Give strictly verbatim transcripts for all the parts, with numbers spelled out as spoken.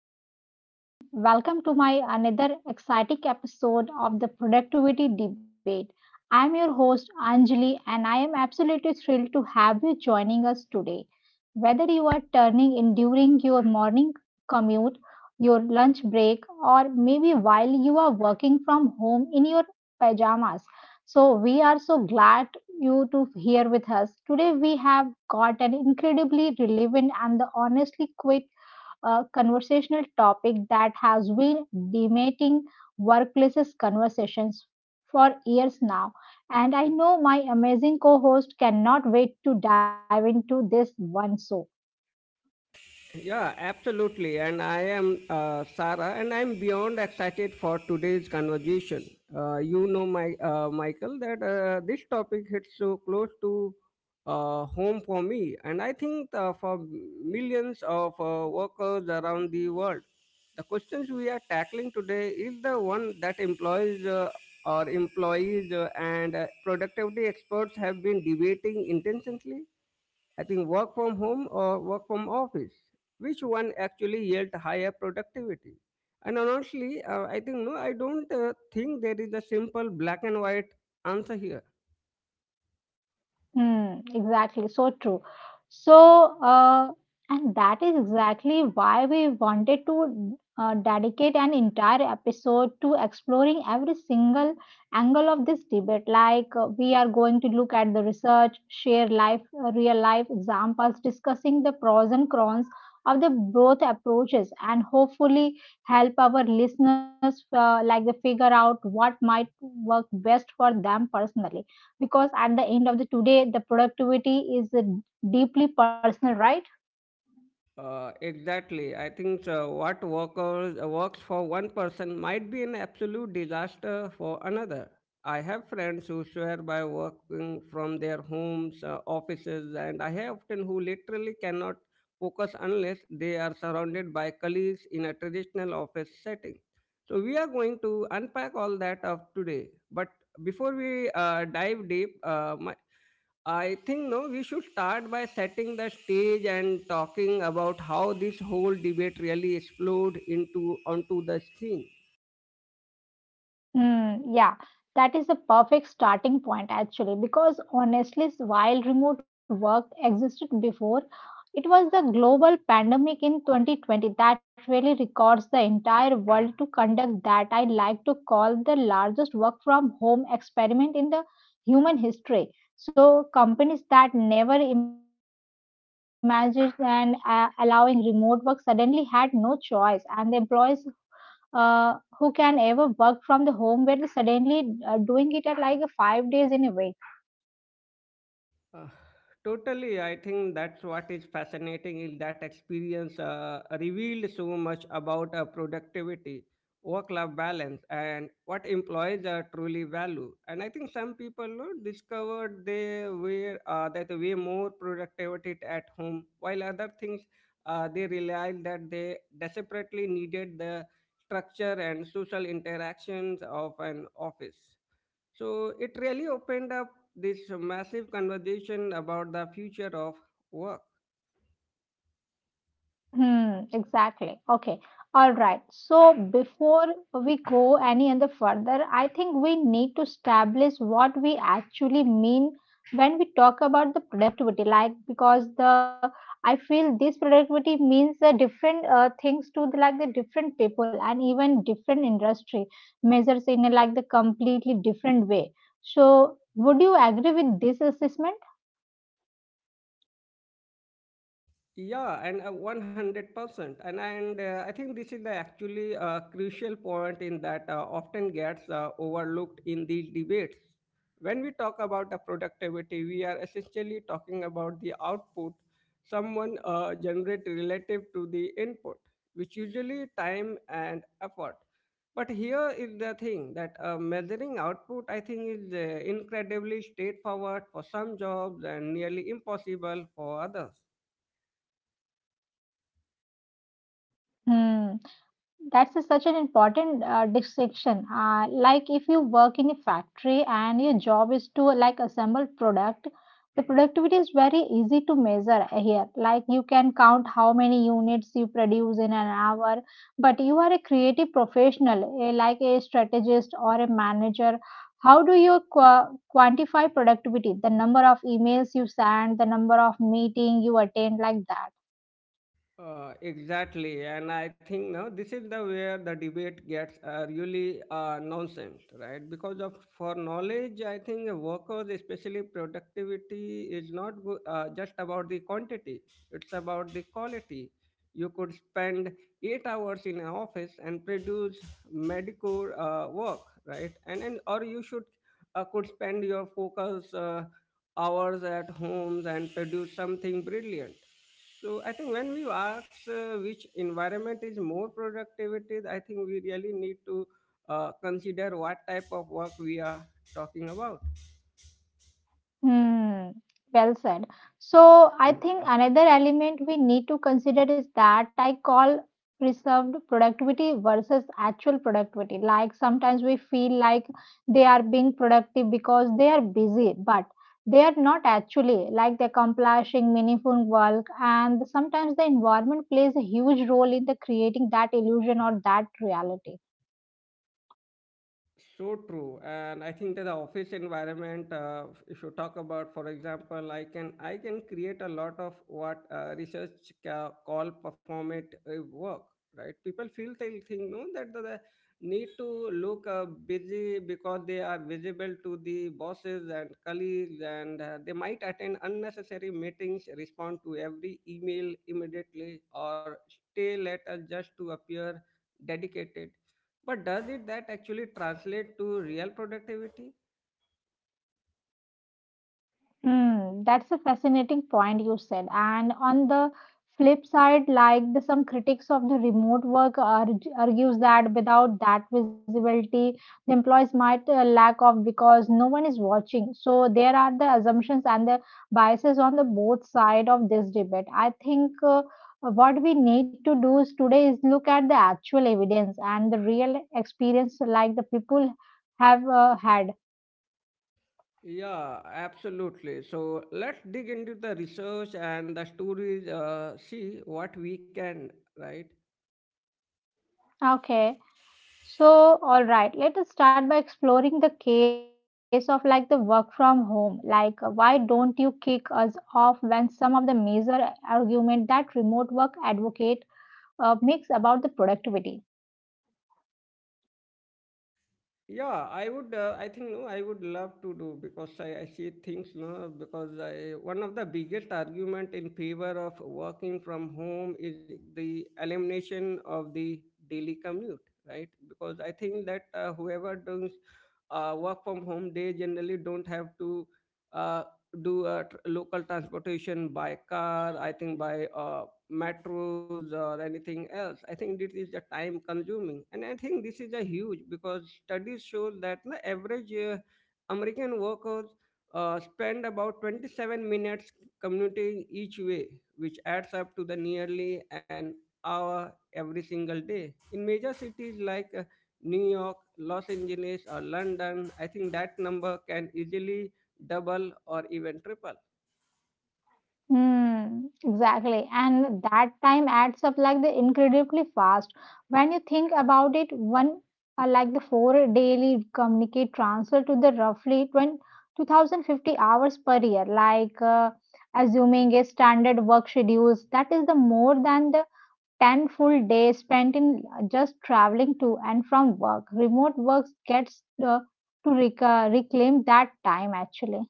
So, hello everyone. Welcome to my another exciting episode of the productivity debate. I'm your host Anjali and I am absolutely thrilled to have you joining us today. Whether you are turning in during your morning commute, your lunch break or maybe while you are working from home in your pajamas. So, we are so glad you to here with us. Today we have got an incredibly relevant and the honestly quick a conversational topic that has been dominating workplaces conversations for years now. And I know my amazing co host cannot wait to dive into this one. So, Yeah, absolutely. And I am uh, Sarah, and I'm beyond excited for today's conversation. Uh, you know, my uh, Michael, that uh, this topic hits so close to uh, home for me, and I think uh, for millions of uh, workers around the world. The questions we are tackling today is the one that employees uh, or employees uh, and uh, productivity experts have been debating intensely I think work from home or work from office. Which one actually yield higher productivity? And honestly, uh, I think no, I don't uh, think there is a simple black and white answer here. mm, exactly, so true. So, uh, and that is exactly why we wanted to uh, dedicate an entire episode to exploring every single angle of this debate. Like, uh, we are going to look at the research, share life, uh, real life examples, discussing the pros and cons of the both approaches, and hopefully help our listeners uh, like they figure out what might work best for them personally because at the end of the today the productivity is uh, deeply personal, right. Uh, exactly. I think uh, what workers, uh, works for one person might be an absolute disaster for another. I have friends who swear by working from their homes, uh, offices, and I have often who literally cannot focus unless they are surrounded by colleagues in a traditional office setting. So we are going to unpack all that of today. But before we uh, dive deep, uh, my, I think no, we should start by setting the stage and talking about how this whole debate really exploded into onto the scene. Mm, yeah, that is a perfect starting point actually, because honestly, s- while remote work existed before, it was the global pandemic in twenty twenty that really records the entire world to conduct that I like to call the largest work from home experiment in the human history. So, companies that never imagined and uh, allowing remote work suddenly had no choice, and the employees uh, who can ever work from the home where suddenly uh, doing it at like five days in a week. Uh, Totally, I think that's what is fascinating is that experience uh, revealed so much about uh, productivity, work-life balance, and what employees uh, truly value. And I think some people no, discovered they were uh, that way more productivity at home, while other things uh, they realized that they desperately needed the structure and social interactions of an office. So it really opened up this massive conversation about the future of work. Hmm, exactly. Okay. All right. So before we go any and the further, I think we need to establish what we actually mean when we talk about the productivity. Like because the I feel this productivity means uh, different uh, things to the, like the different people and even different industry measures in a, like the completely different way. So would you agree with this assessment? Yeah, and uh, one hundred percent. And, and uh, I think this is the actually uh, crucial point in that uh, often gets uh, overlooked in these debates. When we talk about the productivity, we are essentially talking about the output someone uh, generate relative to the input, which usually time and effort. But here is the thing that uh, measuring output, I think, is uh, incredibly straightforward for some jobs and nearly impossible for others. Hmm. That's a- such an important uh, distinction. Uh, like if you work in a factory and your job is to like assemble product, the productivity is very easy to measure here. Like you can count how many units you produce in an hour. But you are a creative professional, eh, like a strategist or a manager. How do you qua- quantify productivity? The number of emails you send, the number of meeting you attend, like that. Uh, exactly, and I think now this is the where the debate gets uh, really uh, nonsense, right? Because of for knowledge, I think workers, especially productivity, is not go- uh, just about the quantity; it's about the quality. You could spend eight hours in an office and produce medical uh, work, right? And and or you should uh, could spend your focus uh, hours at homes and produce something brilliant. So I think when we ask uh, which environment is more productivity, I think we really need to uh, consider what type of work we are talking about. Hmm, well said. So I think another element we need to consider is that I call preserved productivity versus actual productivity. Like sometimes we feel like they are being productive because they are busy, but they are not actually like they're accomplishing meaningful work and sometimes the environment plays a huge role in the creating that illusion or that reality. So true, and I think that the office environment. Uh, if you talk about, for example, I can I can create a lot of what uh, research ca- call perform it uh, work. Right? People feel they think no that the, the need to look uh, busy because they are visible to the bosses and colleagues, and uh, they might attend unnecessary meetings, respond to every email immediately, or stay later just to appear dedicated, but does it that actually translate to real productivity? Hmm, that's a fascinating point you said. And on the flip side, like the, some critics of the remote work arg argues that without that visibility, the employees might uh, lack of because no one is watching. So there are the assumptions and the biases on the both side of this debate. I think uh, what we need to do is today is look at the actual evidence and the real experience like the people have uh, had. Yeah, absolutely. So let's dig into the research and the stories, uh, see what we can, right? Okay. So, all right, let us start by exploring the case of like the work from home. Like, uh, why don't you kick us off when some of the major argument that remote work advocate uh, makes about the productivity? Yeah, I would. Uh, I think no, I would love to do because I, I see things no because I one of the biggest argument in favor of working from home is the elimination of the daily commute, right? Because I think that uh, whoever does uh, work from home, they generally don't have to uh, do a tr- local transportation by car. I think by uh, metros or anything else. I think this is the time consuming. And I think this is a huge because studies show that the average uh, American workers uh, spend about twenty-seven minutes commuting each way, which adds up to the nearly an hour every single day. In major cities like uh, New York, Los Angeles, or London, I think that number can easily double or even triple. Hmm, exactly. And that time adds up like the incredibly fast. When you think about it, one uh, like the four daily communicate transfer to the roughly twenty, two thousand fifty hours per year, like uh, assuming a standard work schedules, that is the more than the ten full days spent in just traveling to and from work. Remote works gets uh, to rec- uh, reclaim that time actually.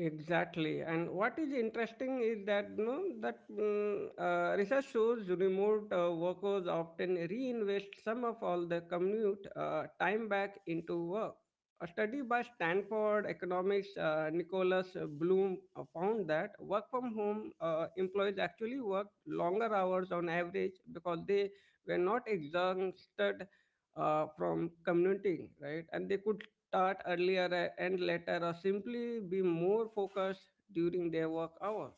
Exactly, and what is interesting is that you know that mm, uh, research shows remote uh, workers often reinvest some of all the commute uh, time back into work. A study by Stanford economist uh, Nicholas Bloom uh, found that work from home uh, employees actually worked longer hours on average because they were not exhausted uh, from commuting, right? And they could start earlier and later or simply be more focused during their work hours.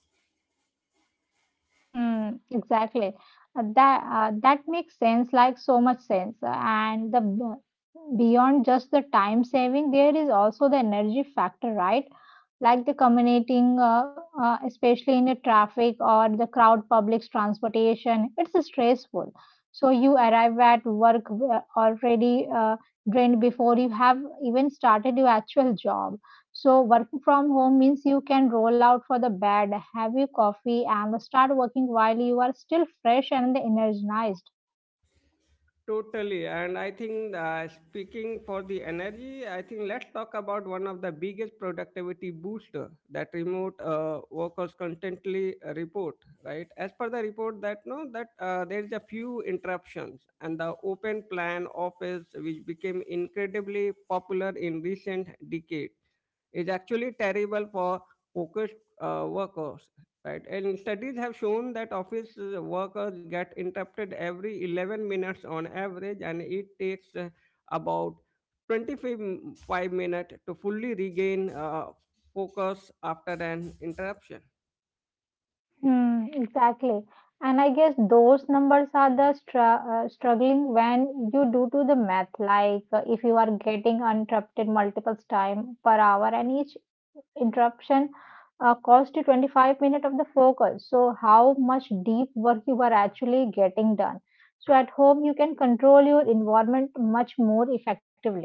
Hmm, exactly. Uh, That uh, that makes sense, like so much sense. Uh, And the b- beyond just the time saving, there is also the energy factor, right? Like the commuting, uh, uh, especially in the traffic or the crowd, public transportation, it's stressful. So you arrive at work uh, already uh, drained before you have even started your actual job. So working from home means you can roll out for the bed, have your coffee, and start working while you are still fresh and energized. Totally, and I think uh, speaking for the energy I think let's talk about one of the biggest productivity booster that remote uh, workers constantly uh, report, right? As per the report that no that uh, there is a few interruptions and the open plan office which became incredibly popular in recent decade is actually terrible for focused uh, workers. Right? And studies have shown that office uh, workers get interrupted every eleven minutes on average, and it takes uh, about twenty-five minutes to fully regain uh, focus after an interruption. Hmm, exactly. And I guess those numbers are the stra- uh, struggling when you do to the math. Like uh, if you are getting interrupted multiple time per hour, and each interruption uh, cost you twenty-five minutes of the focus. So how much deep work you are actually getting done. So at home, you can control your environment much more effectively.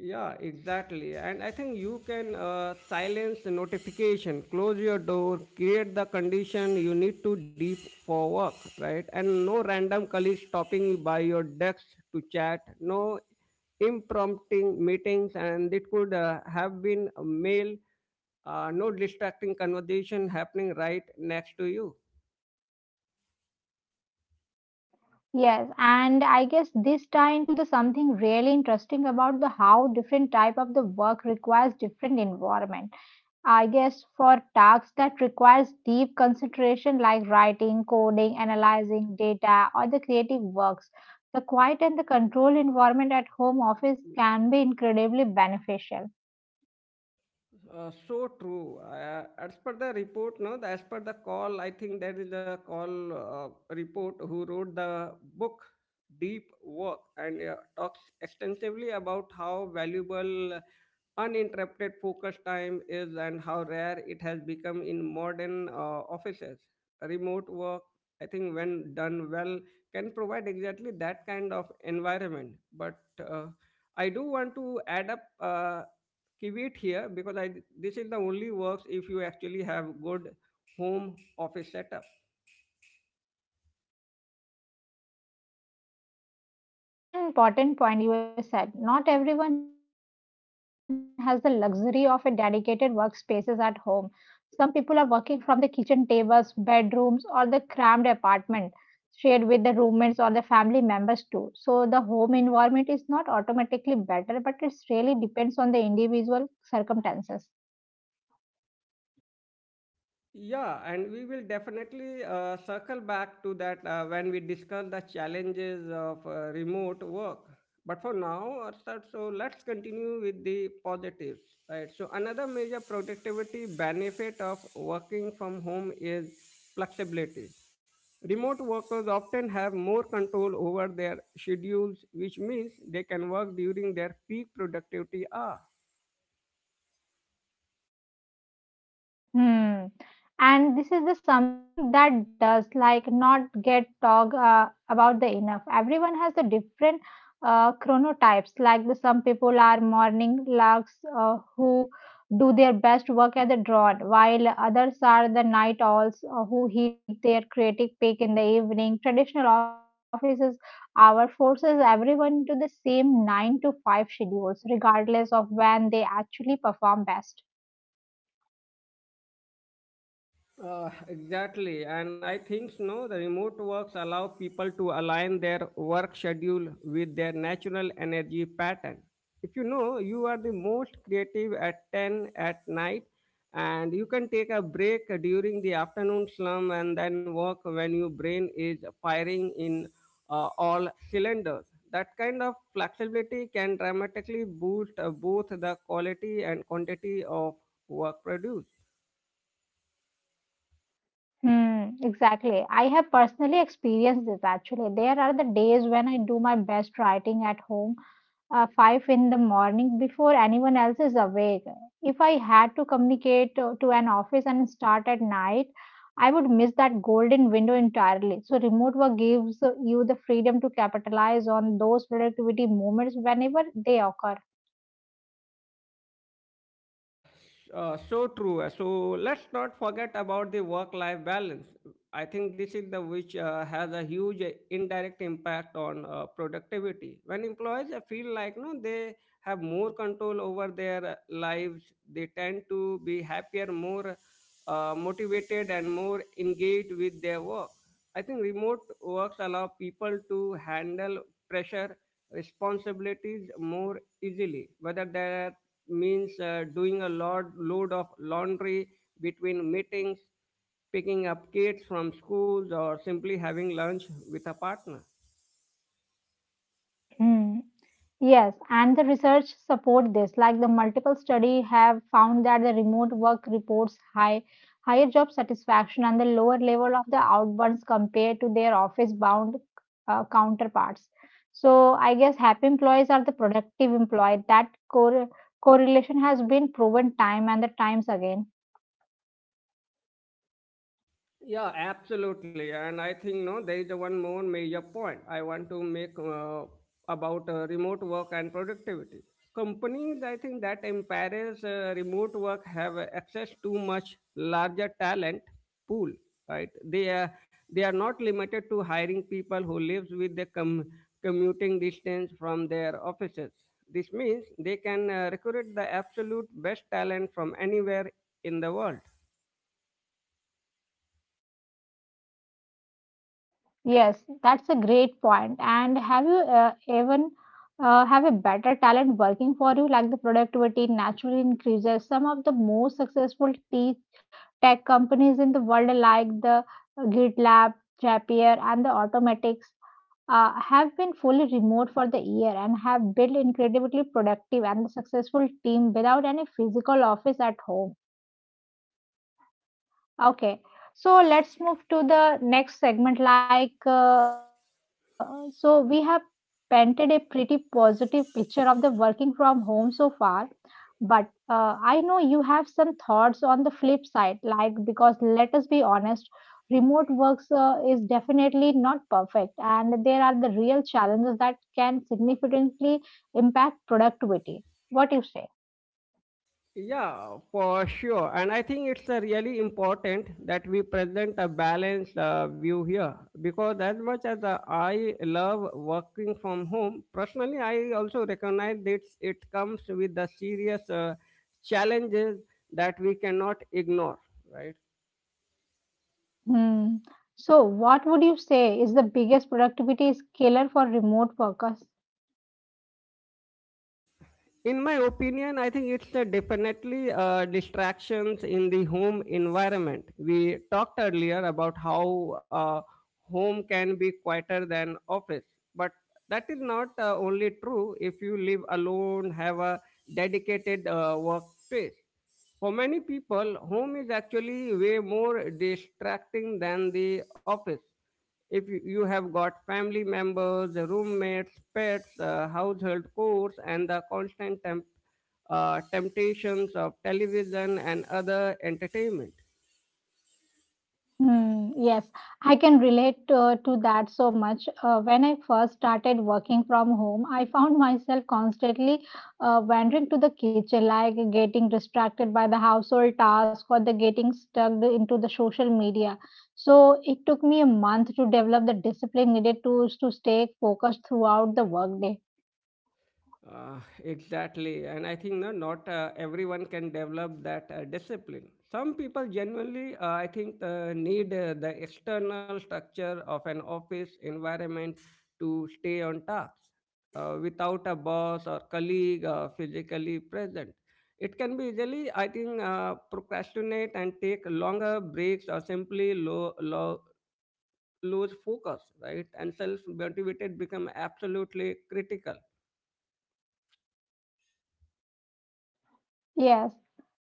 Yeah, exactly. And I think you can uh, silence the notification, close your door, create the condition you need to deep for work, right? And no random colleague stopping you by your desk to chat, no impromptu meetings, and it could uh, have been a mail, uh, no distracting conversation happening right next to you. Yes, and I guess this tie into the something really interesting about the how different type of the work requires different environment. I guess for tasks that requires deep concentration like writing, coding, analyzing data, or the creative works, the quiet and the controlled environment at home office can be incredibly beneficial. Uh, so true. Uh, as per the report, no, As per the call, I think there is a call uh, report who wrote the book Deep Work and uh, talks extensively about how valuable uh, uninterrupted focus time is and how rare it has become in modern uh, offices. Remote work, I think, when done well, can provide exactly that kind of environment. But uh, I do want to add up. Uh, Keep here because I, this is the only works if you actually have good home office setup. Yes, such an important point you said. Not everyone has the luxury of a dedicated workspaces at home. Some people are working from the kitchen tables, bedrooms, or the cramped apartment shared with the roommates or the family members too. So the home environment is not automatically better, but it really depends on the individual circumstances. Yeah, and we will definitely uh, circle back to that uh, when we discuss the challenges of uh, remote work. But for now, uh, so so let's continue with the positives, right? So another major productivity benefit of working from home is flexibility. Remote workers often have more control over their schedules, which means they can work during their peak productivity hour. Hmm. And this is the something that does like not get talked uh, about the enough. Everyone has the different uh, chronotypes. Like the, some people are morning larks uh, who do their best work at the dawn, while others are the night owls uh, who hit their creative peak in the evening. Traditional offices hour forces everyone to the same nine to five schedules, regardless of when they actually perform best. Uh, exactly, and I think no, the remote works allow people to align their work schedule with their natural energy pattern. If you know you are the most creative at ten at night, and you can take a break during the afternoon slump and then work when your brain is firing in uh, all cylinders. That kind of flexibility can dramatically boost uh, both the quality and quantity of work produced. Hmm, exactly. I have personally experienced this actually. There are the days when I do my best writing at home, uh, five in the morning before anyone else is awake. If I had to communicate uh, to an office and start at night, I would miss that golden window entirely. So, remote work gives uh, you the freedom to capitalize on those productivity moments whenever they occur. Uh, uh, so true. Uh, So let's not forget about the work-life balance. I think this is the which uh, has a huge uh, indirect impact on uh, productivity. When employees uh, feel like no, they have more control over their uh, lives, they tend to be happier, more uh, motivated, and more engaged with their work. I think remote works allow people to handle pressure responsibilities more easily, whether that means uh, doing a lot load of laundry between meetings, picking up kids from schools, or simply having lunch with a partner. Hmm. Yes, and the research support this. Like the multiple study have found that the remote work reports high higher job satisfaction and the lower level of the outburns compared to their office bound uh, counterparts. So I guess happy employees are the productive employee. That cor- correlation has been proven time and the times again. Yeah, absolutely. And I think no, there is a one more major point I want to make uh, about uh, remote work and productivity. Companies, I think that empowers uh, remote work have access to much larger talent pool. Right? They are they are not limited to hiring people who lives with the com- commuting distance from their offices. This means they can uh, recruit the absolute best talent from anywhere in the world. Yes, that's a great point. And have you uh, even uh, have a better talent working for you? Like the productivity naturally increases. Some of the most successful te- tech companies in the world, like the GitLab, Zapier, and the Automatics, uh, have been fully remote for the year and have built incredibly productive and successful team without any physical office at home. Okay, so let's move to the next segment. Like, uh, so we have painted a pretty positive picture of the working from home so far, but uh, I know you have some thoughts on the flip side. Like, because let us be honest, remote works uh, is definitely not perfect, and there are the real challenges that can significantly impact productivity. What do you say? Yeah, for sure. And I think it's uh, really important that we present a balanced uh, view here because, as much as uh, I love working from home, personally, I also recognize that it comes with the serious uh, challenges that we cannot ignore, right? Hmm. So, what would you say is the biggest productivity killer for remote workers? In my opinion, I think it's uh, definitely uh, distractions in the home environment. We talked earlier about how uh, home can be quieter than office, but that is not uh, only true if you live alone, have a dedicated uh, workspace. For many people, home is actually way more distracting than the office. If you you have got family members, the roommates, pets, uh, household chores, and the constant temp, uh, temptations of television and other entertainment. Hmm. Yes, I can relate uh, to that so much. Uh, when I first started working from home, I found myself constantly uh, wandering to the kitchen, like getting distracted by the household task or the getting stuck into the social media. So it took me a month to develop the discipline needed to to stay focused throughout the workday. Uh, exactly, and I think no, not uh, everyone can develop that uh, discipline. Some people genuinely, uh, I think, uh, need uh, the external structure of an office environment to stay on task. Uh, without a boss or colleague uh, physically present, it can be easily, I think, uh, procrastinate and take longer breaks or simply low, low, lose focus, right? And self motivated become absolutely critical. Yes.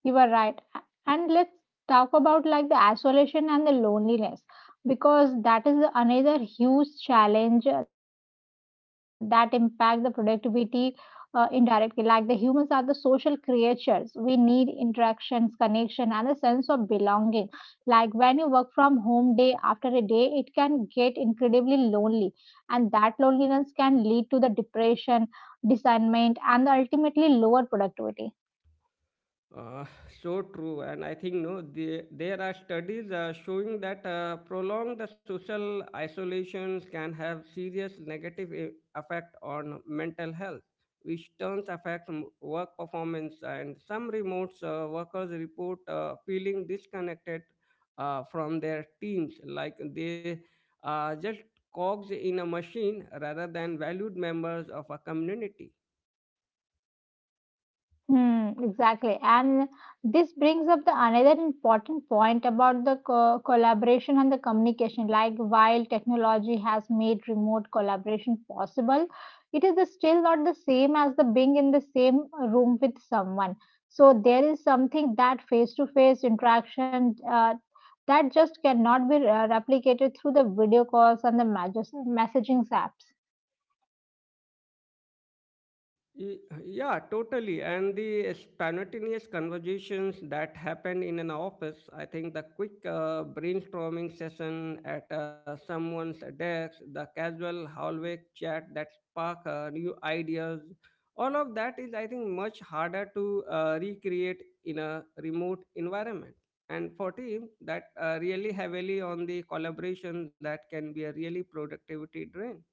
You are right. A- And let's talk about like the isolation and the loneliness because that is another huge challenge uh, that impact the productivity uh, indirectly. Like the humans are the social creatures. We need interactions, connection, and a sense of belonging. Like when you work from home day after a day, it can get incredibly lonely, and that loneliness can lead to the depression, discernment, and ultimately lower productivity. Uh, so true, and I think no, the, there are studies uh, showing that uh, prolonged social isolations can have serious negative e- effect on mental health, which turns affect m- work performance. And some remote uh, workers report uh, feeling disconnected uh, from their teams, like they are just cogs in a machine rather than valued members of a community. Hmm, exactly. And this brings up the another important point about the co- collaboration and the communication. Like while technology has made remote collaboration possible, it is the- still not the same as the being in the same room with someone. So there is something that face-to-face interaction uh, that just cannot be uh, replicated through the video calls and the messages messaging apps. Y- Yeah, totally. And the spontaneous conversations that happen in an office, I think the quick uh, brainstorming session at uh, someone's desk, the casual hallway chat that spark uh, new ideas, all of that is, I think, much harder to uh, recreate in a remote environment. And for teams that uh, really heavily on the collaboration, that can be a really productivity drain.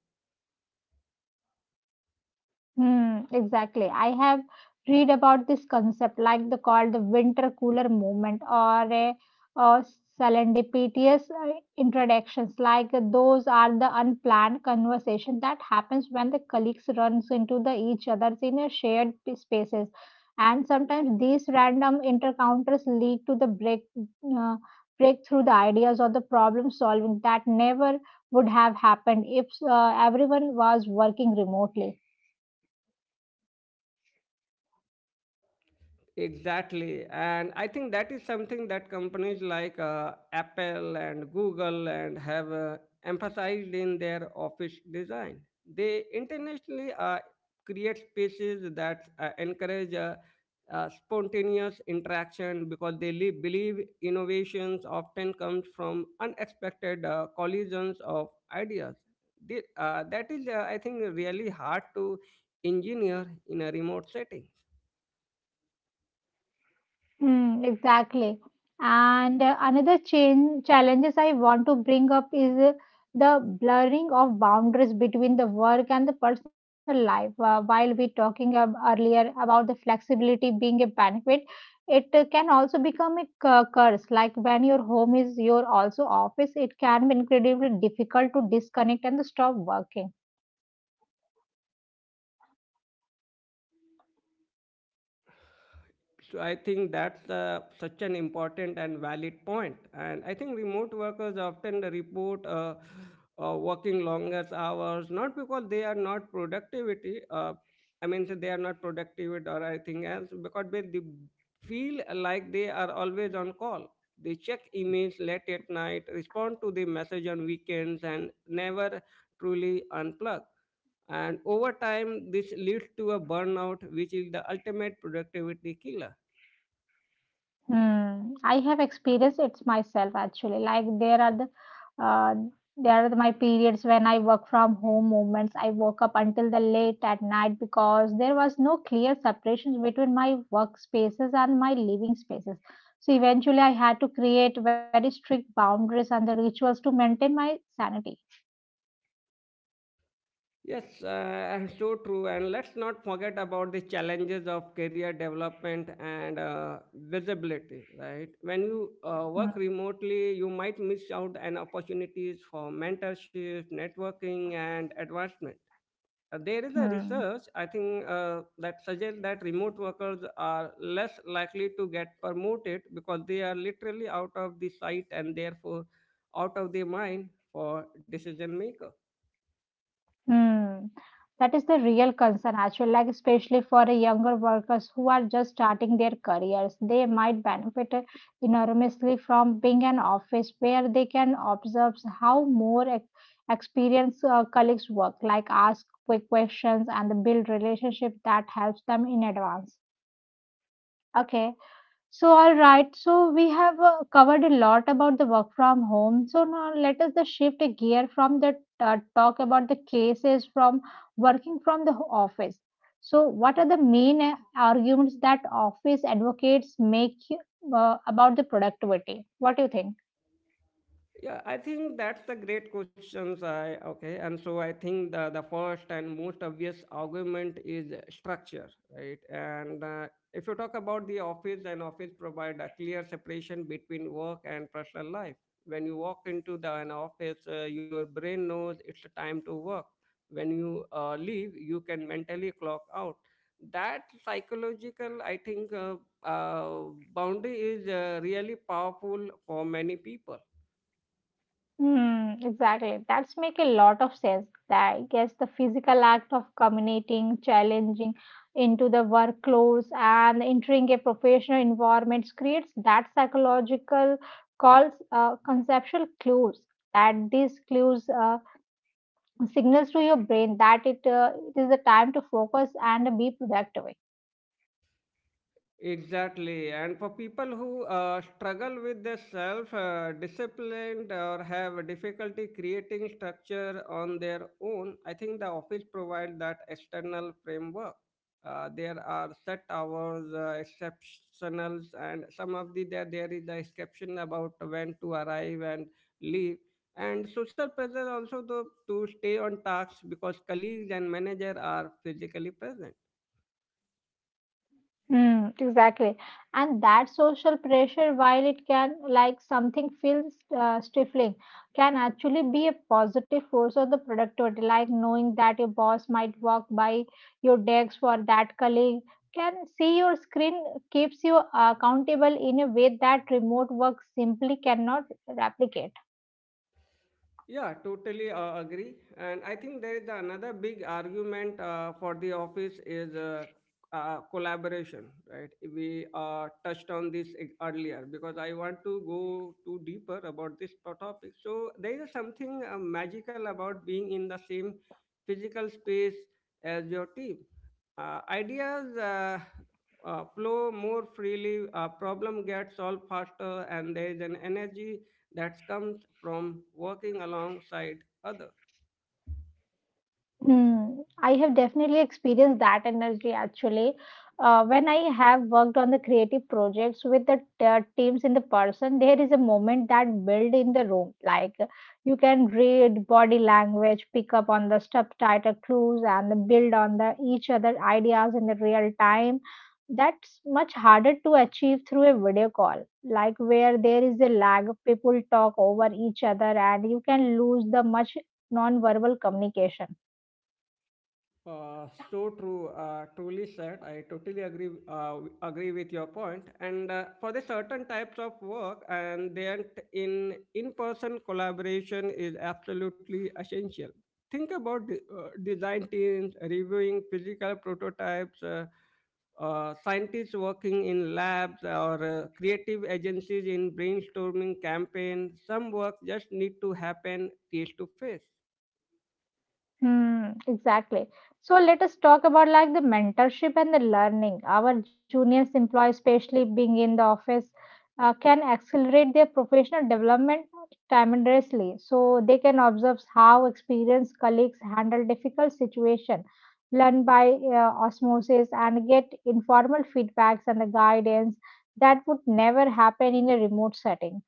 Hmm, exactly. I have read about this concept, like the called the winter cooler movement or a or serendipitous uh, introductions. Like uh, those are the unplanned conversation that happens when the colleagues runs into the each others in a shared p- spaces. And sometimes these random encounters lead to the break uh, breakthrough the ideas or the problem solving that never would have happened if uh, everyone was working remotely. Exactly. And I think that is something that companies like uh, Apple and Google and have uh, emphasized in their office design. They intentionally uh, create spaces that uh, encourage uh, uh, spontaneous interaction because they li- believe innovations often comes from unexpected uh, collisions of ideas. The- uh, that is, uh, I think, really hard to engineer in a remote setting. Mm, exactly. And uh, another change challenges I want to bring up is uh, the blurring of boundaries between the work and the personal life. Uh, while we talking ab- earlier about the flexibility being a benefit, it uh, can also become a cu- curse. Like when your home is your also office, it can be incredibly difficult to disconnect and stop working. So I think that's uh, such an important and valid point. And I think remote workers often report uh, uh, working longest hours, not because they are not productivity. Uh, I mean, so they are not productive or anything else, because they, they feel like they are always on call. They check emails late at night, respond to the message on weekends, and never truly unplug, and over time this leads to a burnout, which is the ultimate productivity killer. Hmm. I have experienced it myself actually. Like there are the uh, there are the- my periods when I work from home moments. I woke up until the late at night because there was no clear separation between my workspaces and my living spaces. So eventually, I had to create very strict boundaries and the rituals to maintain my sanity. Yes, uh, and so true. And let's not forget about the challenges of career development and uh, visibility, right? When you uh, Hmm. work remotely, you might miss out on opportunities for mentorship, networking, and advancement. Uh, there is a Hmm. research, I think, uh, that suggests that remote workers are less likely to get promoted because they are literally out of the sight and therefore out of their mind for decision maker. Hmm. That is the real concern, actually, like especially for the younger workers who are just starting their careers. They might benefit enormously from being an office where they can observe how more ex- experienced uh, colleagues work, like ask quick questions and build relationship that helps them in advance. Okay. So, all right. So, we have uh, covered a lot about the work from home. So, now let us the shift a gear from the uh, talk about the cases from working from the ho- office. So, what are the main uh, arguments that office advocates make uh, about the productivity? What do you think? Yeah, I think that's the great questions. I okay, and so I think the the first and most obvious argument is structure, right? And uh, if you talk about the office, then office provide a clear separation between work and personal life. When you walk into the an office, uh, your brain knows it's a time to work. When you uh, leave, you can mentally clock out. That psychological, I think, uh, uh, boundary is uh, really powerful for many people. Hmm, exactly. That's make a lot of sense. That I guess the physical act of communicating, challenging into the work clothes and entering a professional environment creates that psychological calls uh, conceptual clues. That these clues uh, signals to your brain that it, uh, it is the time to focus and be productive. Exactly. And for people who uh, struggle with their self uh, disciplined or have difficulty creating structure on their own, I think the office provides that external framework. Uh, there are set hours, uh, exceptionals, and some of the there, there is the exception about when to arrive and leave. And social pressure also though, to stay on tasks because colleagues and manager are physically present. Mm, exactly. And that social pressure, while it can, like something feels uh, stifling, can actually be a positive force on the productivity. Like knowing that your boss might walk by your desk for that colleague can see your screen keeps you accountable in a way that remote work simply cannot replicate. Yeah, totally uh, agree. And I think there is another big argument uh, for the office is uh, uh, collaboration, right? We uh, touched on this e- earlier because I want to go too deeper about this pro- topic. So there is something uh, magical about being in the same physical space as your team. Uh, ideas uh, uh, flow more freely, uh, problem gets solved faster, and there is an energy that comes from working alongside others. Hmm. I have definitely experienced that energy actually. Uh, when I have worked on the creative projects with the uh, teams in the person, there is a moment that build in the room. Like you can read body language, pick up on the subtitle clues, and build on the each other ideas in the real time. That's much harder to achieve through a video call. Like where there is a lag, people talk over each other, and you can lose the much non-verbal communication. Uh, so true, uh, truly said. I totally agree uh, agree with your point. And uh, for the certain types of work, and then in in person collaboration is absolutely essential. Think about the, uh, design teams reviewing physical prototypes, uh, uh, scientists working in labs, or uh, creative agencies in brainstorming campaigns. Some work just need to happen face to face. Hmm, exactly. So let us talk about like the mentorship and the learning. Our juniors employees, especially being in the office, uh, can accelerate their professional development tremendously. So they can observe how experienced colleagues handle difficult situation, learn by uh, osmosis, and get informal feedbacks and the guidance that would never happen in a remote setting.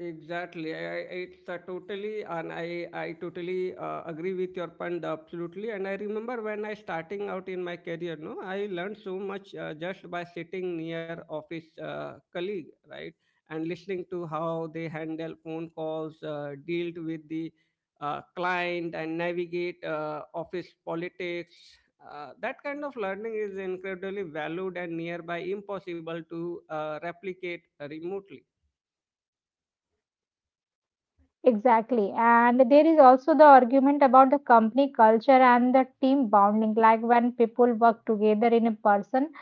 Exactly. I, I, it's uh, totally, and I, I totally uh, agree with your point absolutely. And I remember when I starting out in my career, no, I learned so much uh, just by sitting near office uh, colleague, right, and listening to how they handle phone calls, uh, dealt with the uh, client, and navigate uh, office politics. Uh, that kind of learning is incredibly valued and nearby impossible to uh, replicate remotely. Exactly. And there is also the argument about the company culture and the team bonding. Like when people work together in a person,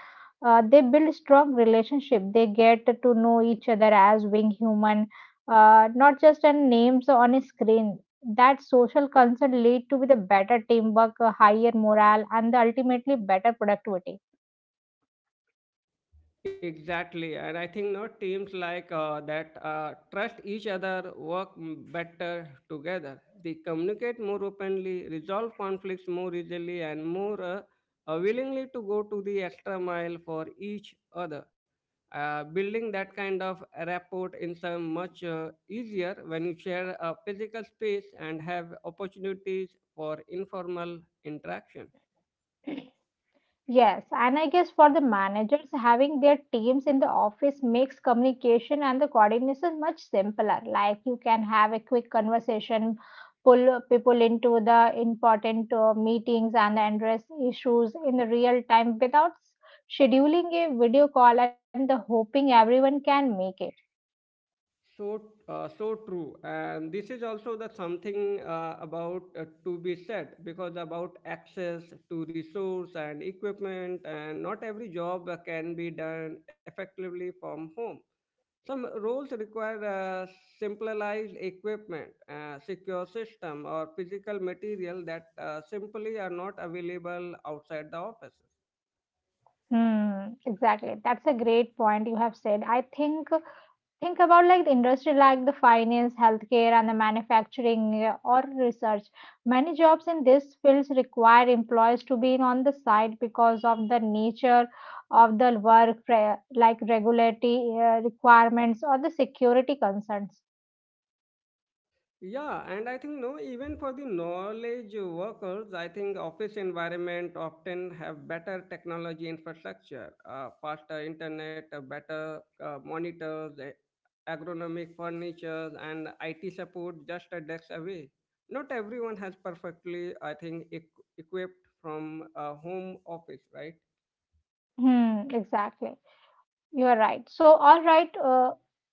uh, they build strong relationship. They get to know each other as being human, uh, not just as names on a screen. That social concern lead to with a better teamwork, a higher morale, and the ultimately better productivity. Exactly, and I think not teams like uh, that uh, trust each other, work m- better together. They communicate more openly, resolve conflicts more easily, and more uh, uh, willingly to go to the extra mile for each other. Uh, building that kind of rapport is uh, much uh, easier when you share a physical space and have opportunities for informal interaction. Yes, and I guess for the managers, having their teams in the office makes communication and the coordination much simpler. Like you can have a quick conversation, pull people into the important uh, meetings and address issues in the real time without scheduling a video call and the hoping everyone can make it. So, uh, so true. And this is also the something uh, about uh, to be said because about access to resource and equipment, and not every job uh, can be done effectively from home. Some roles require uh, simplified equipment, uh, secure system, or physical material that uh, simply are not available outside the offices. Hmm, exactly. That's a great point you have said. I think think about like the industry like the finance healthcare and the manufacturing uh, or research, many jobs in these fields require employees to be on the site because of the nature of the work re- like regulatory uh, requirements or the security concerns. Yeah, and I think no, even for the knowledge workers, I think office environment often have better technology infrastructure, uh, faster internet, uh, better uh, monitors, uh, ergonomic furniture, and I T support just a desk away. Not everyone has perfectly, I think, equ- equipped from a home office, right? Hmm, exactly. You are right. So, all right. Uh,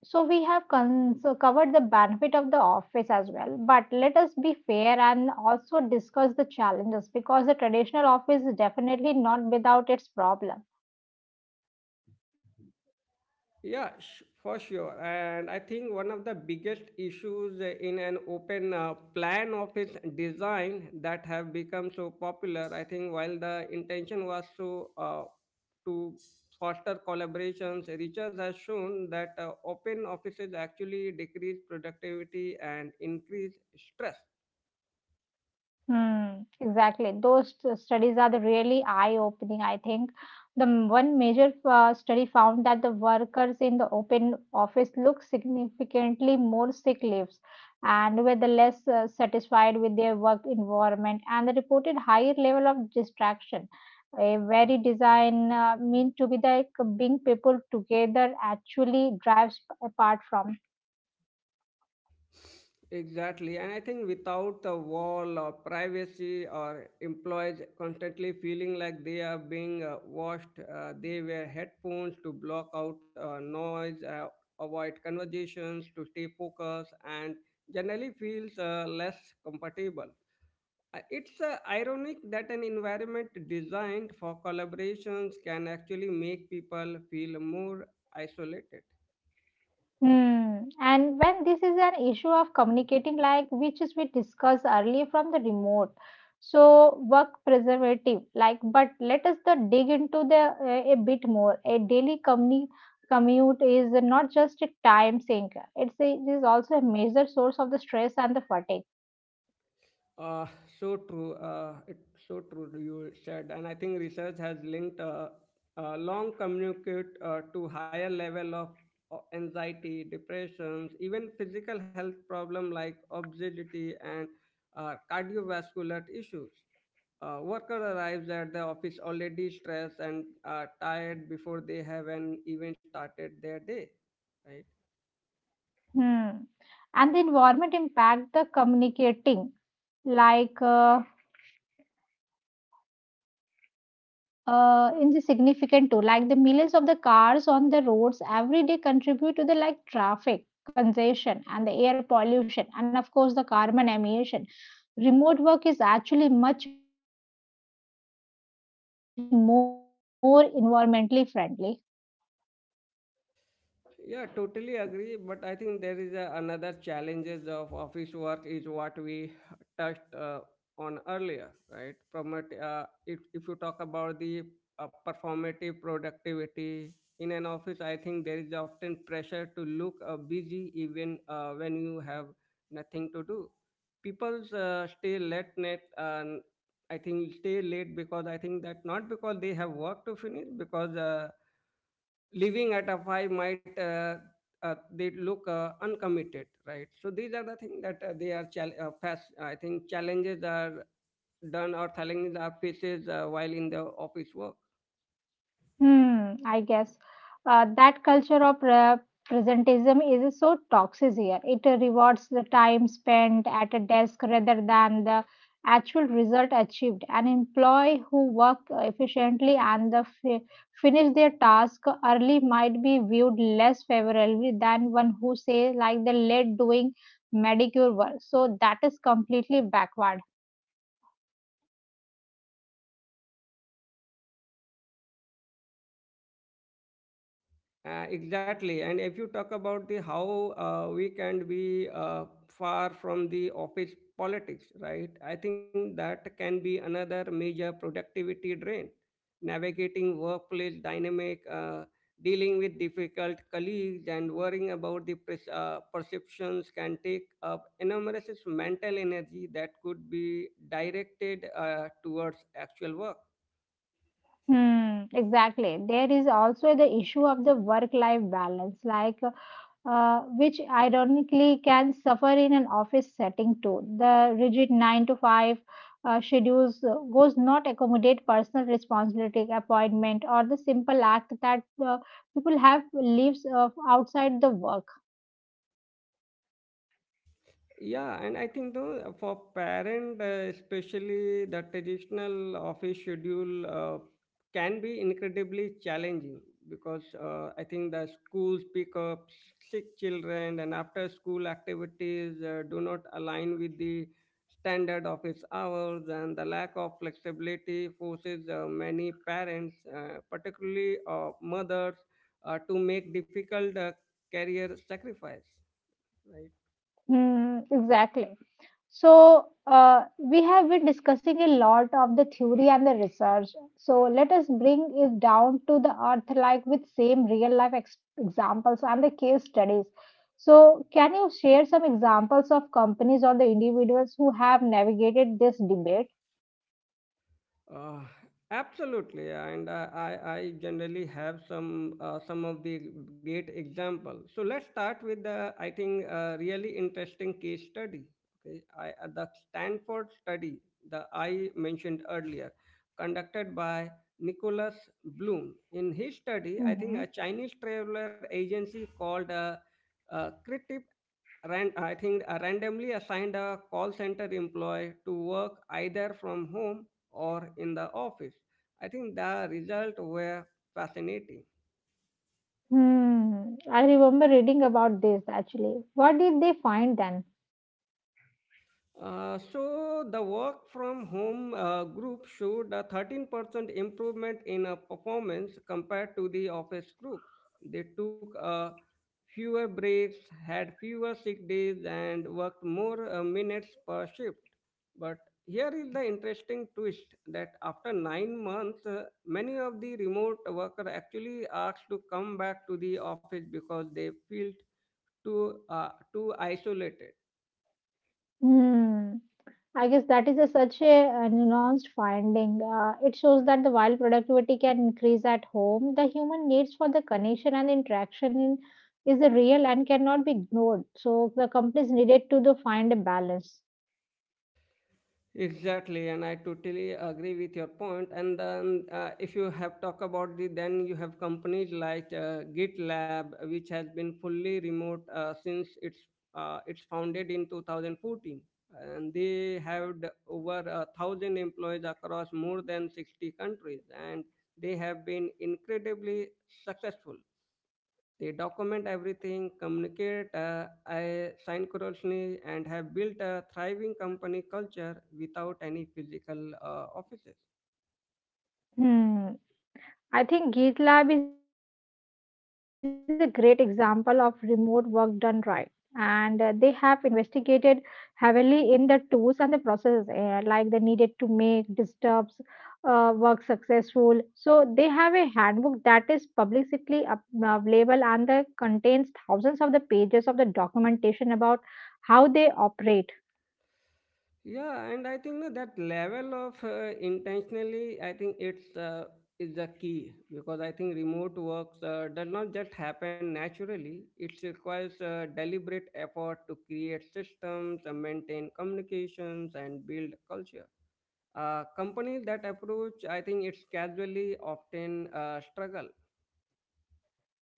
So, we have con- so covered the benefit of the office as well. But let us be fair and also discuss the challenges because the traditional office is definitely not without its problem. Yeah, sh- for sure. And I think one of the biggest issues in an open uh, plan office design that have become so popular, I think while the intention was so uh, to foster collaborations, research has shown that uh, open offices actually decrease productivity and increase stress. Hmm, exactly. Those t- studies are the really eye-opening, I think. The m- one major uh, study found that the workers in the open office look significantly more sick leaves and were the less uh, satisfied with their work environment and the reported higher level of distraction. A very design uh, meant to be like being people together actually drives apart from. Exactly. And I think without a wall or privacy or employees constantly feeling like they are being uh, watched, uh, they wear headphones to block out uh, noise, uh, avoid conversations to stay focused, and generally feels uh, less compatible. Uh, It's uh, ironic that an environment designed for collaborations can actually make people feel more isolated. Hmm. And when this is an issue of communicating, like which is we discussed earlier from the remote, so work preservative, like but let us the dig into the uh, a bit more. A daily communi- commute is not just a time sink; it's a, it is also a major source of the stress and the fatigue. Uh, so true. Uh, it's so true you said, and I think research has linked uh, uh, long communicate uh, to higher level of uh, anxiety, depressions, even physical health problem like obesity and uh, cardiovascular issues. Uh, worker arrives at the office already stressed and uh, tired before they have an even started their day, right? Hmm. And the environment impact the communicating, like. Uh, uh, insignificant too. Like the millions of the cars on the roads every day contribute to the like traffic congestion and the air pollution and of course the carbon emission. Remote work is actually much more environmentally friendly. Yeah, totally agree. But I think there is a, another challenges of office work is what we touched uh, on earlier, right? Promote uh, if if you talk about the uh, performative productivity in an office, I think there is often pressure to look uh, busy even uh, when you have nothing to do. People uh, stay late night uh, I think stay late because I think that not because they have work to finish because uh, living at a five might uh, uh, they look uh, uncommitted, right? So these are the things that uh, they are chal- uh, fast. I think challenges are done or challenges are faces uh, while in the office work. Hmm, I guess uh, that culture of uh, presentism is so toxic here. It uh, rewards the time spent at a desk rather than the actual result achieved. An employee who work efficiently and the fi finish their task early might be viewed less favorably than one who say like the late doing manicure work. So that is completely backward. Uh, exactly. And if you talk about the how uh, we can be uh, far from the office politics, right? I think that can be another major productivity drain. Navigating workplace dynamic, uh, dealing with difficult colleagues, and worrying about the pres- uh, perceptions can take up enormous mental energy that could be directed uh, towards actual work. Hmm, exactly. There is also the issue of the work-life balance, like. Uh, which ironically can suffer in an office setting too. The rigid nine to five uh, schedules uh, goes not accommodate personal responsibility, appointment, or the simple act that uh, people have lives uh, outside the work. Yeah, and I think though for parent, uh, especially the traditional office schedule uh, can be incredibly challenging because uh, I think the schools pick up sick children and after school activities uh, do not align with the standard office hours, and the lack of flexibility forces uh, many parents, uh, particularly uh, mothers, uh, to make difficult uh, career sacrifice, right? Hmm, exactly. So, uh, we have been discussing a lot of the theory and the research. So, let us bring it down to the earth, like with same real life ex- examples and the case studies. So, can you share some examples of companies or the individuals who have navigated this debate? Uh, Absolutely, and I, I, I generally have some uh, some of the great examples. So let's start with the I think uh, really interesting case study. Okay, I, uh, the Stanford study that I mentioned earlier, conducted by Nicholas Bloom. In his study, I think Hmm. a Chinese traveler agency called uh, uh, ran, I think uh, randomly assigned a call center employee to work either from home or in the office. I think the results were fascinating. Hmm, I remember reading about this actually. What did they find then? Uh, so the work from home uh, group showed a thirteen percent improvement in uh, performance compared to the office groups. They took uh, fewer breaks, had fewer sick days, and worked more uh, minutes per shift. But here is the interesting twist that after nine months, uh, many of the remote workers actually asked to come back to the office because they felt too, uh, too isolated. Hmm. I guess that is a such a, uh nuanced finding. Uh, it shows that the while productivity can increase at home, the human needs for the connection and interaction in, is the real and cannot be ignored. So the companies needed to the find a balance. Exactly, and I totally agree with your point. And then, uh, if you have talk about the, then you have companies like uh, GitLab, which has been fully remote uh, since its uh, it's founded in two thousand fourteen, and they have d- over a thousand employees across more than sixty countries, and they have been incredibly successful. They document everything, communicate uh, uh, synchronously, and have built a thriving company culture without any physical uh, offices. Hmm. I think GitLab is a great example of remote work done right. And uh, they have investigated heavily in the tools and the processes, uh, like they needed to make disturbs uh, work successful. So they have a handbook that is publicly up- uh, available and that contains thousands of the pages of the documentation about how they operate. Yeah, and I think that that level of uh, intentionally, I think it's uh, is the key because I think remote work uh, does not just happen naturally. It requires uh, deliberate effort to create systems, uh, maintain communications, and build culture. Uh, companies that approach I think it's casually often uh, struggle.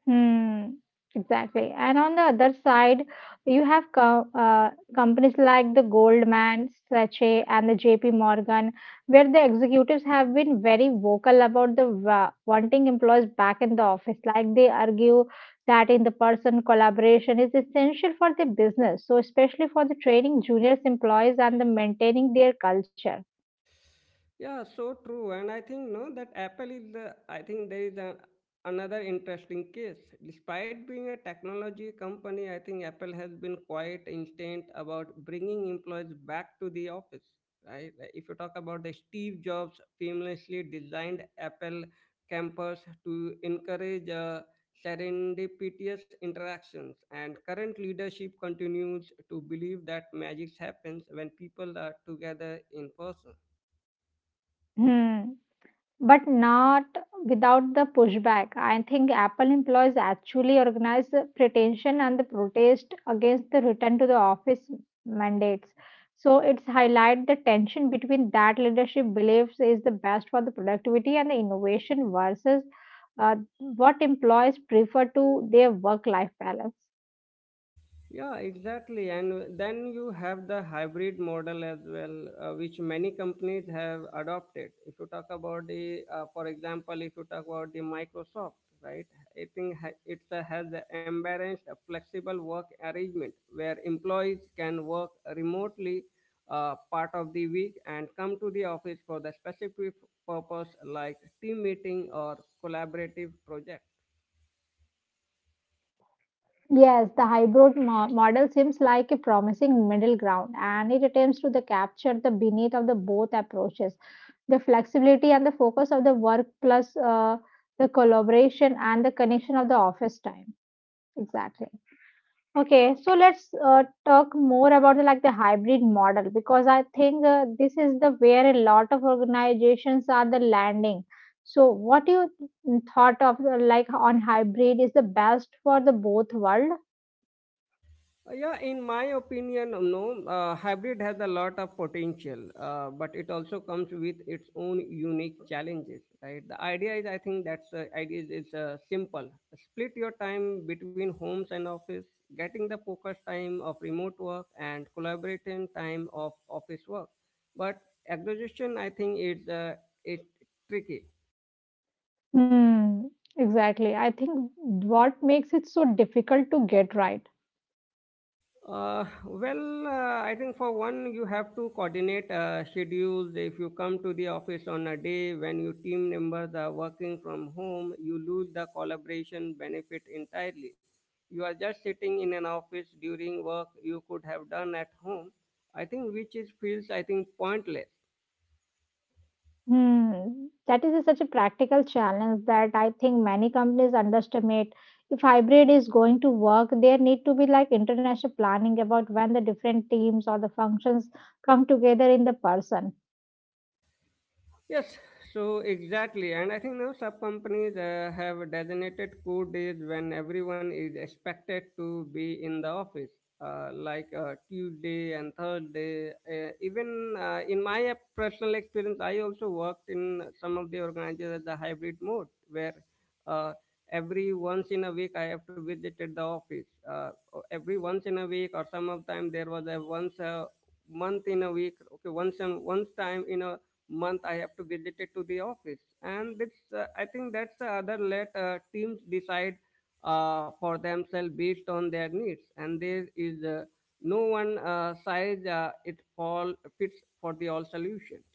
Hmm, exactly. And on the other side, you have co uh, companies like the Goldman Sachs and the J P Morgan, where the executives have been very vocal about the wa- wanting employees back in the office. Like they argue that in the person collaboration is essential for the business, so especially for the training juniors employees and the maintaining their culture. Yeah, so true. And I think no, that Apple is the I think there is a, another interesting case. Despite being a technology company, I think Apple has been quite instant about bringing employees back to the office. Right? Like, if you talk about the Steve Jobs famously designed Apple campus to encourage uh, serendipitous interactions, and current leadership continues to believe that magic happens when people are together in person. Hmm, but not without the pushback. I think Apple employees actually organized the pretension and the protest against the return to the office mandates. So it's highlight the tension between that leadership believes is the best for the productivity and the innovation versus uh, what employees prefer to their work-life balance. Yeah, exactly. And then you have the hybrid model as well, uh, which many companies have adopted. If you talk about the, uh, for example, if you talk about the Microsoft, right? I think ha- it uh, has embraced a flexible work arrangement where employees can work remotely uh, part of the week and come to the office for the specific purpose like team meeting or collaborative project. Yes, the hybrid mo- model seems like a promising middle ground and it attempts to the capture the beneath of the both approaches, the flexibility and the focus of the work plus uh, the collaboration and the connection of the office time. Exactly. Okay, so let's uh, talk more about the like the hybrid model because I think uh, this is the where a lot of organizations are the landing. So what you thought of uh, like on hybrid is the best for the both world? Uh, Yeah, in my opinion, um, no, uh, hybrid has a lot of potential, uh, but it also comes with its own unique challenges, right? The idea is, I think that's the idea is, is uh, simple. Split your time between homes and office, getting the focus time of remote work and collaborating time of office work. But exhaustion, I think, is uh, it's tricky. Hmm, exactly. I think what makes it so difficult to get right. Uh, well, uh, I think for one, you have to coordinate uh, schedules. If you come to the office on a day when your team members are working from home, you lose the collaboration benefit entirely. You are just sitting in an office during work you could have done at home. I think which is feels I think pointless. Hmm, that is such a practical challenge that I think many companies underestimate. If hybrid is going to work, there need to be like international planning about when the different teams or the functions come together in the person. Yes, so exactly. And I think now some companies uh, have designated core days when everyone is expected to be in the office, uh, like uh, Tuesday and Thursday. Uh, even uh, in my personal experience, I also worked in some of the organizations at the hybrid mode where uh, every once in a week I have to visit at the office. Uh, every once in a week or some of time there was a once a month in a week, okay, once and once time in a month I have to visit it to the office. And this uh, I think that's the other, let uh, teams decide uh, for themselves based on their needs. And there is uh, no one uh, size uh, it all fits for the all solutions.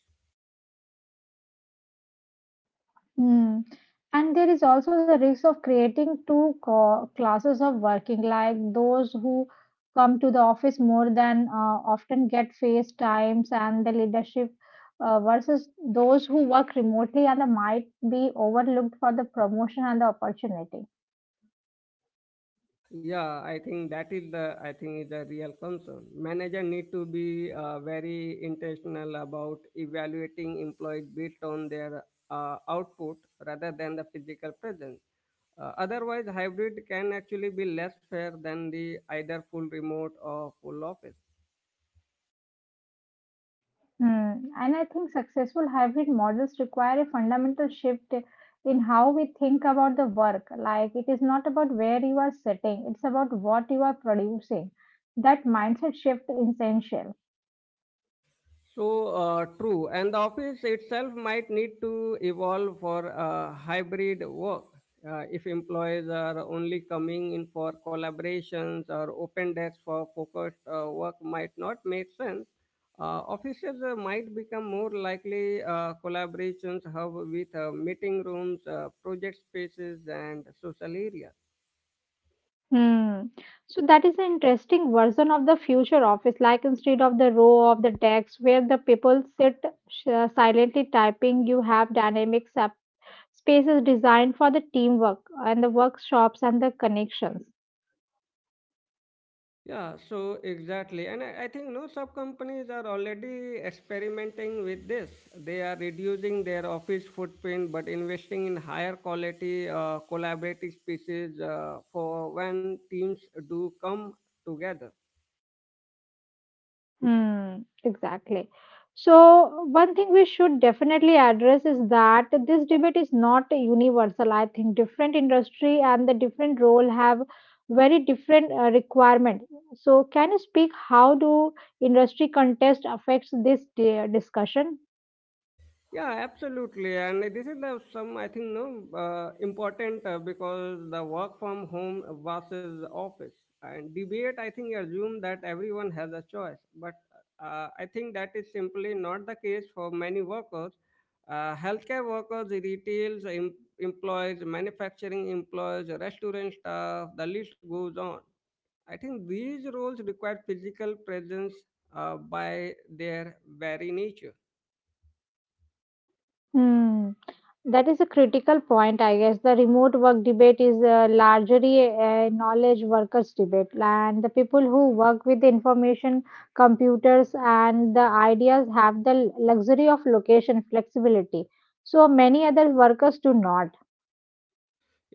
Mm. And there is also the risk of creating two co- classes of working, like those who come to the office more than uh, often get face times and the leadership uh, versus those who work remotely and they might be overlooked for the promotion and the opportunity. Yeah, I think that is the I think is the real concern. Manager need to be uh, very intentional about evaluating employees based on their uh, output rather than the physical presence. Uh, otherwise, hybrid can actually be less fair than the either full remote or full office. Hmm. And I think successful hybrid models require a fundamental shift in how we think about the work. Like, it is not about where you are sitting, it's about what you are producing. That mindset shift is essential. So uh, true, and the office itself might need to evolve for uh, hybrid work. Uh, if employees are only coming in for collaborations or open desks for focused uh, work, might not make sense. Uh, offices uh, might become more likely uh, collaborations hub with uh, meeting rooms, uh, project spaces, and social areas. Hmm. So that is an interesting version of the future office, like instead of the row of the desks where the people sit sh- uh, silently typing, you have dynamic sub- spaces designed for the teamwork and the workshops and the connections. Yeah, so exactly. And I, I think no sub companies are already experimenting with this. They are reducing their office footprint but investing in higher quality uh, collaborative spaces uh, for when teams do come together. Hmm, exactly. So, one thing we should definitely address is that this debate is not universal. I think different industry and the different role have very different uh, requirement. So, can you speak how do industry contest affects this di- discussion? Yeah, absolutely. And this is the some I think no uh, important uh, because the work from home versus office and debate. I think assume that everyone has a choice, but uh, I think that is simply not the case for many workers. Uh, healthcare workers, retails em- employees, manufacturing employees, restaurant staff. The list goes on. I think these roles require physical presence uh, by their very nature. Hmm. That is a critical point, I guess. The remote work debate is uh, largely a knowledge workers debate, and the people who work with the information, computers, and the ideas have the luxury of location flexibility. So many other workers do not.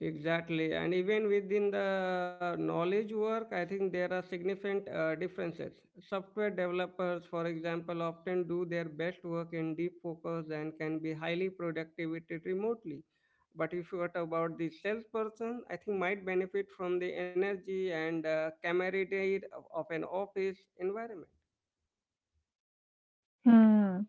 Exactly, and even within the knowledge work, I think there are significant uh, differences. Software developers, for example, often do their best work in deep focus and can be highly productivity remotely. But if you are about the salesperson, I think might benefit from the energy and uh, camaraderie of of an office environment. Hmm.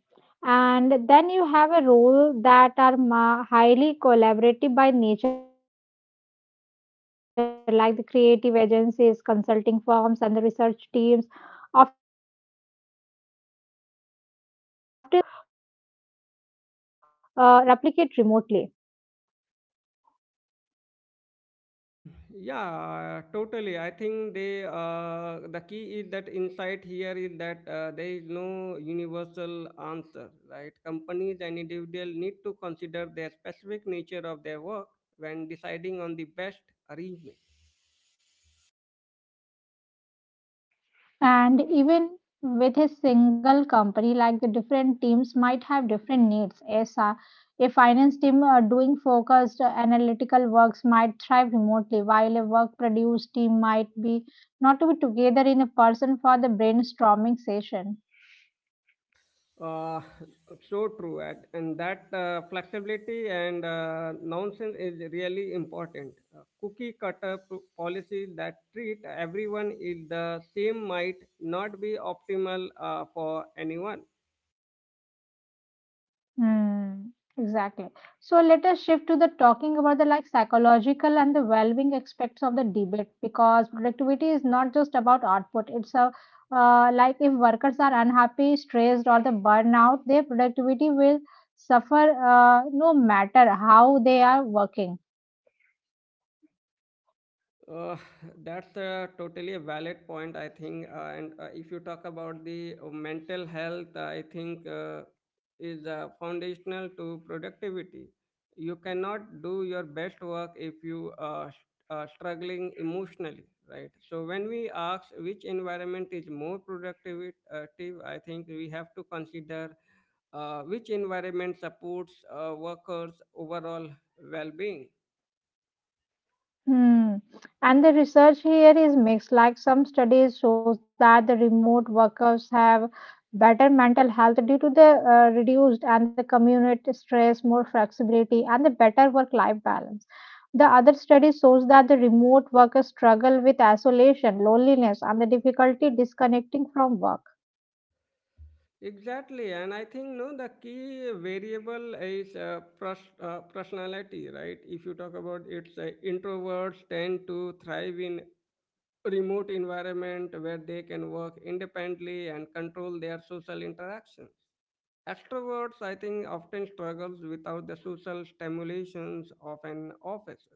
And then you have a role that are ma- highly collaborative by nature, like the creative agencies, consulting firms, and the research teams often uh, rely on the intense collaboration that can be difficult to uh, replicate remotely. Mm, yeah, totally. I think they uh, the key is that insight here is that uh, there is no universal answer, right? Companies and individuals need to consider their specific nature of their work when deciding on the best arrangement. And even with his single company, like the different teams might have different needs. Yes, uh, a finance team uh, doing focused uh, analytical works might thrive remotely, while a work produced team might be not to be together in a person for the brainstorming session. Uh, so true, and, and that uh, flexibility and uh, nonsense is really important. Uh, cookie cutter p- policies that treat everyone is the same might not be optimal uh, for anyone. Hmm, exactly. So let us shift to the talking about the like psychological and the well-being aspects of the debate because productivity is not just about output. It's a uh, like if workers are unhappy, stressed, or the burnout, their productivity will suffer uh, no matter how they are working. Uh, that's uh, totally a valid point, I think. Uh, and uh, if you talk about the uh, mental health, I think uh, is uh, foundational to productivity. You cannot do your best work if you are st- uh, struggling emotionally, right? So when we ask which environment is more productive, uh, tive, I think we have to consider uh, which environment supports uh, workers' overall well-being. Hmm. And the research here is mixed. Like some studies shows that the remote workers have better mental health due to the uh, reduced and the community stress, more flexibility, and the better work-life balance. The other study shows that the remote workers struggle with isolation, loneliness, and the difficulty disconnecting from work. Exactly, and I think no, the key variable is uh, pers- uh, personality, right? If you talk about it's uh, introverts tend to thrive in remote environment where they can work independently and control their social interactions. Extroverts, I think, often struggles without the social stimulations of an office.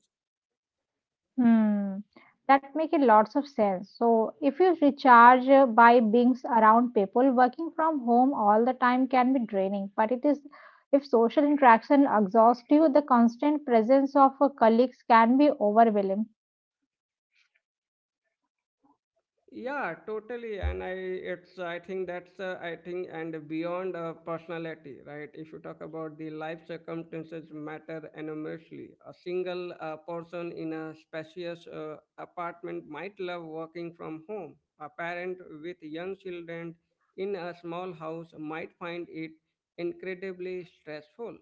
Hmm, that make a lots of sense. So if you recharge uh, by being around people, working from home all the time can be draining. But it is, if social interaction exhausts you, the constant presence of uh, colleagues can be overwhelming. Yeah, totally. And I, it's, I think that's, uh, I think, and beyond uh, personality, right? If you talk about the life circumstances matter enormously. A single uh, person in a spacious uh, apartment might love working from home. A parent with young children in a small house might find it incredibly stressful.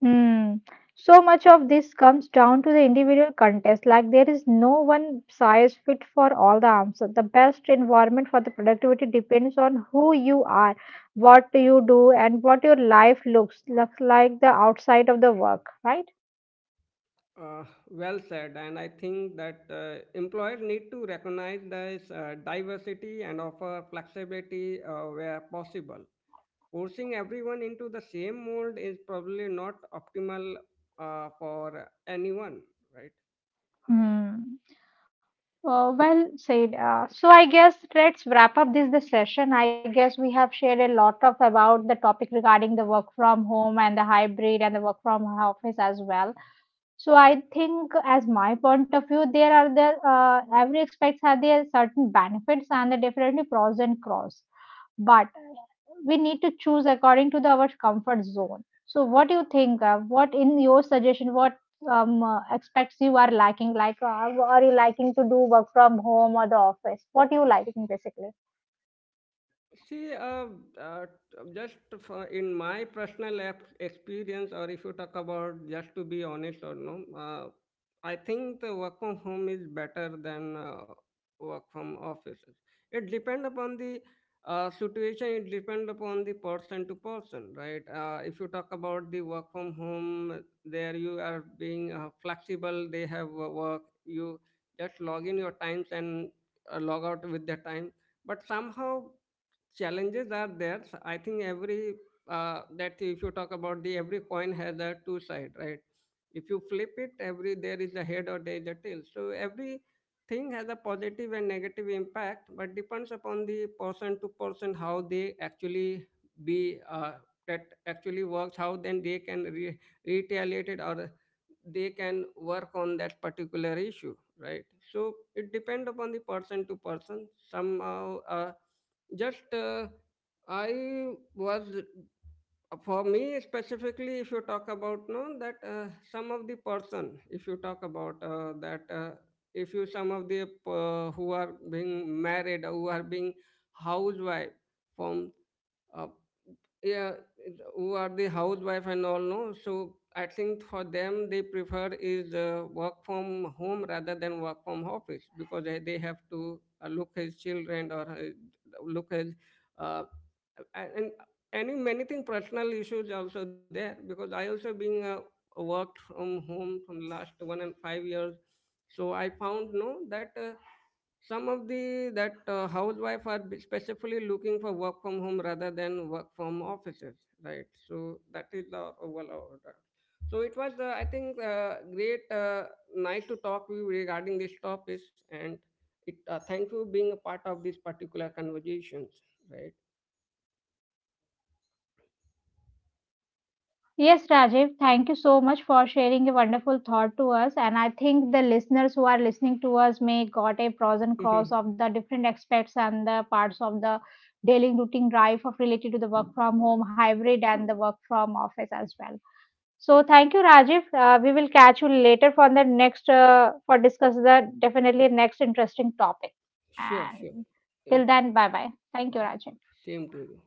Hmm. So much of this comes down to the individual contest. Like there is no one size fit for all the answers. The best environment for the productivity depends on who you are, what you do, and what your life looks looks like the outside of the work, right? Uh, well said, and I think that uh, employers need to recognize this uh, diversity and offer flexibility uh, where possible. Forcing everyone into the same mold is probably not optimal uh, for anyone, right? Hmm. Uh, well said. Uh, so I guess let's wrap up this the session. I guess we have shared a lot of about the topic regarding the work from home and the hybrid and the work from office as well. So I think, as my point of view, there are the uh, every aspects have there certain benefits and the definitely pros and cons. But we need to choose according to the, our comfort zone. So what do you think? Uh, what in your suggestion? What um, uh, aspects you are liking? Like, uh, are you liking to do work from home or the office? What you liking basically? See, uh, uh, just for in my personal ep- experience, or if you talk about just to be honest or no, uh, I think the work from home is better than uh, work from offices. It depend upon the uh, situation. It depend upon the person to person, right? Uh, if you talk about the work from home, there you are being uh, flexible. They have uh, work. You just log in your times and uh, log out with the time, but somehow challenges are there. So I think every uh, that if you talk about the every coin has a two side, right? If you flip it, every there is a head or there is a tail. So every thing has a positive and negative impact, but depends upon the person to person how they actually be uh, that actually works, how then they can re- retaliate it or they can work on that particular issue, right? So it depends upon the person to person somehow uh, just, uh, I was for me specifically, if you talk about no, that uh, some of the person, if you talk about uh, that, uh, if you some of the uh, who are being married, who are being housewife from uh, yeah, who are the housewife and all, no? So I think for them, they prefer is uh, work from home rather than work from office, because they, they have to uh, look his children or uh, look his uh, and any many thing personal issues also there, because I also being uh, worked from home from last one and five years. So I found no that uh, some of the that uh, housewife are be- specifically looking for work from home rather than work from offices, right? So that is our overall order. So it was uh, I think uh, great uh, nice to talk with you regarding these topics. And it uh, thank you being a part of this particular conversations, Yes, Rajiv, thank you so much for sharing a wonderful thought to us. And I think the listeners who are listening to us may got a pros and right? cons of the different aspects and the parts of the daily routine life of related to the work from home, hybrid, and the work from office as well. So thank you, Rajiv. Uh, we will catch you later for the next uh, for discuss the definitely next interesting topic. Sure, sure. And It, till then, bye bye. Thank you, Rajiv. Same to you.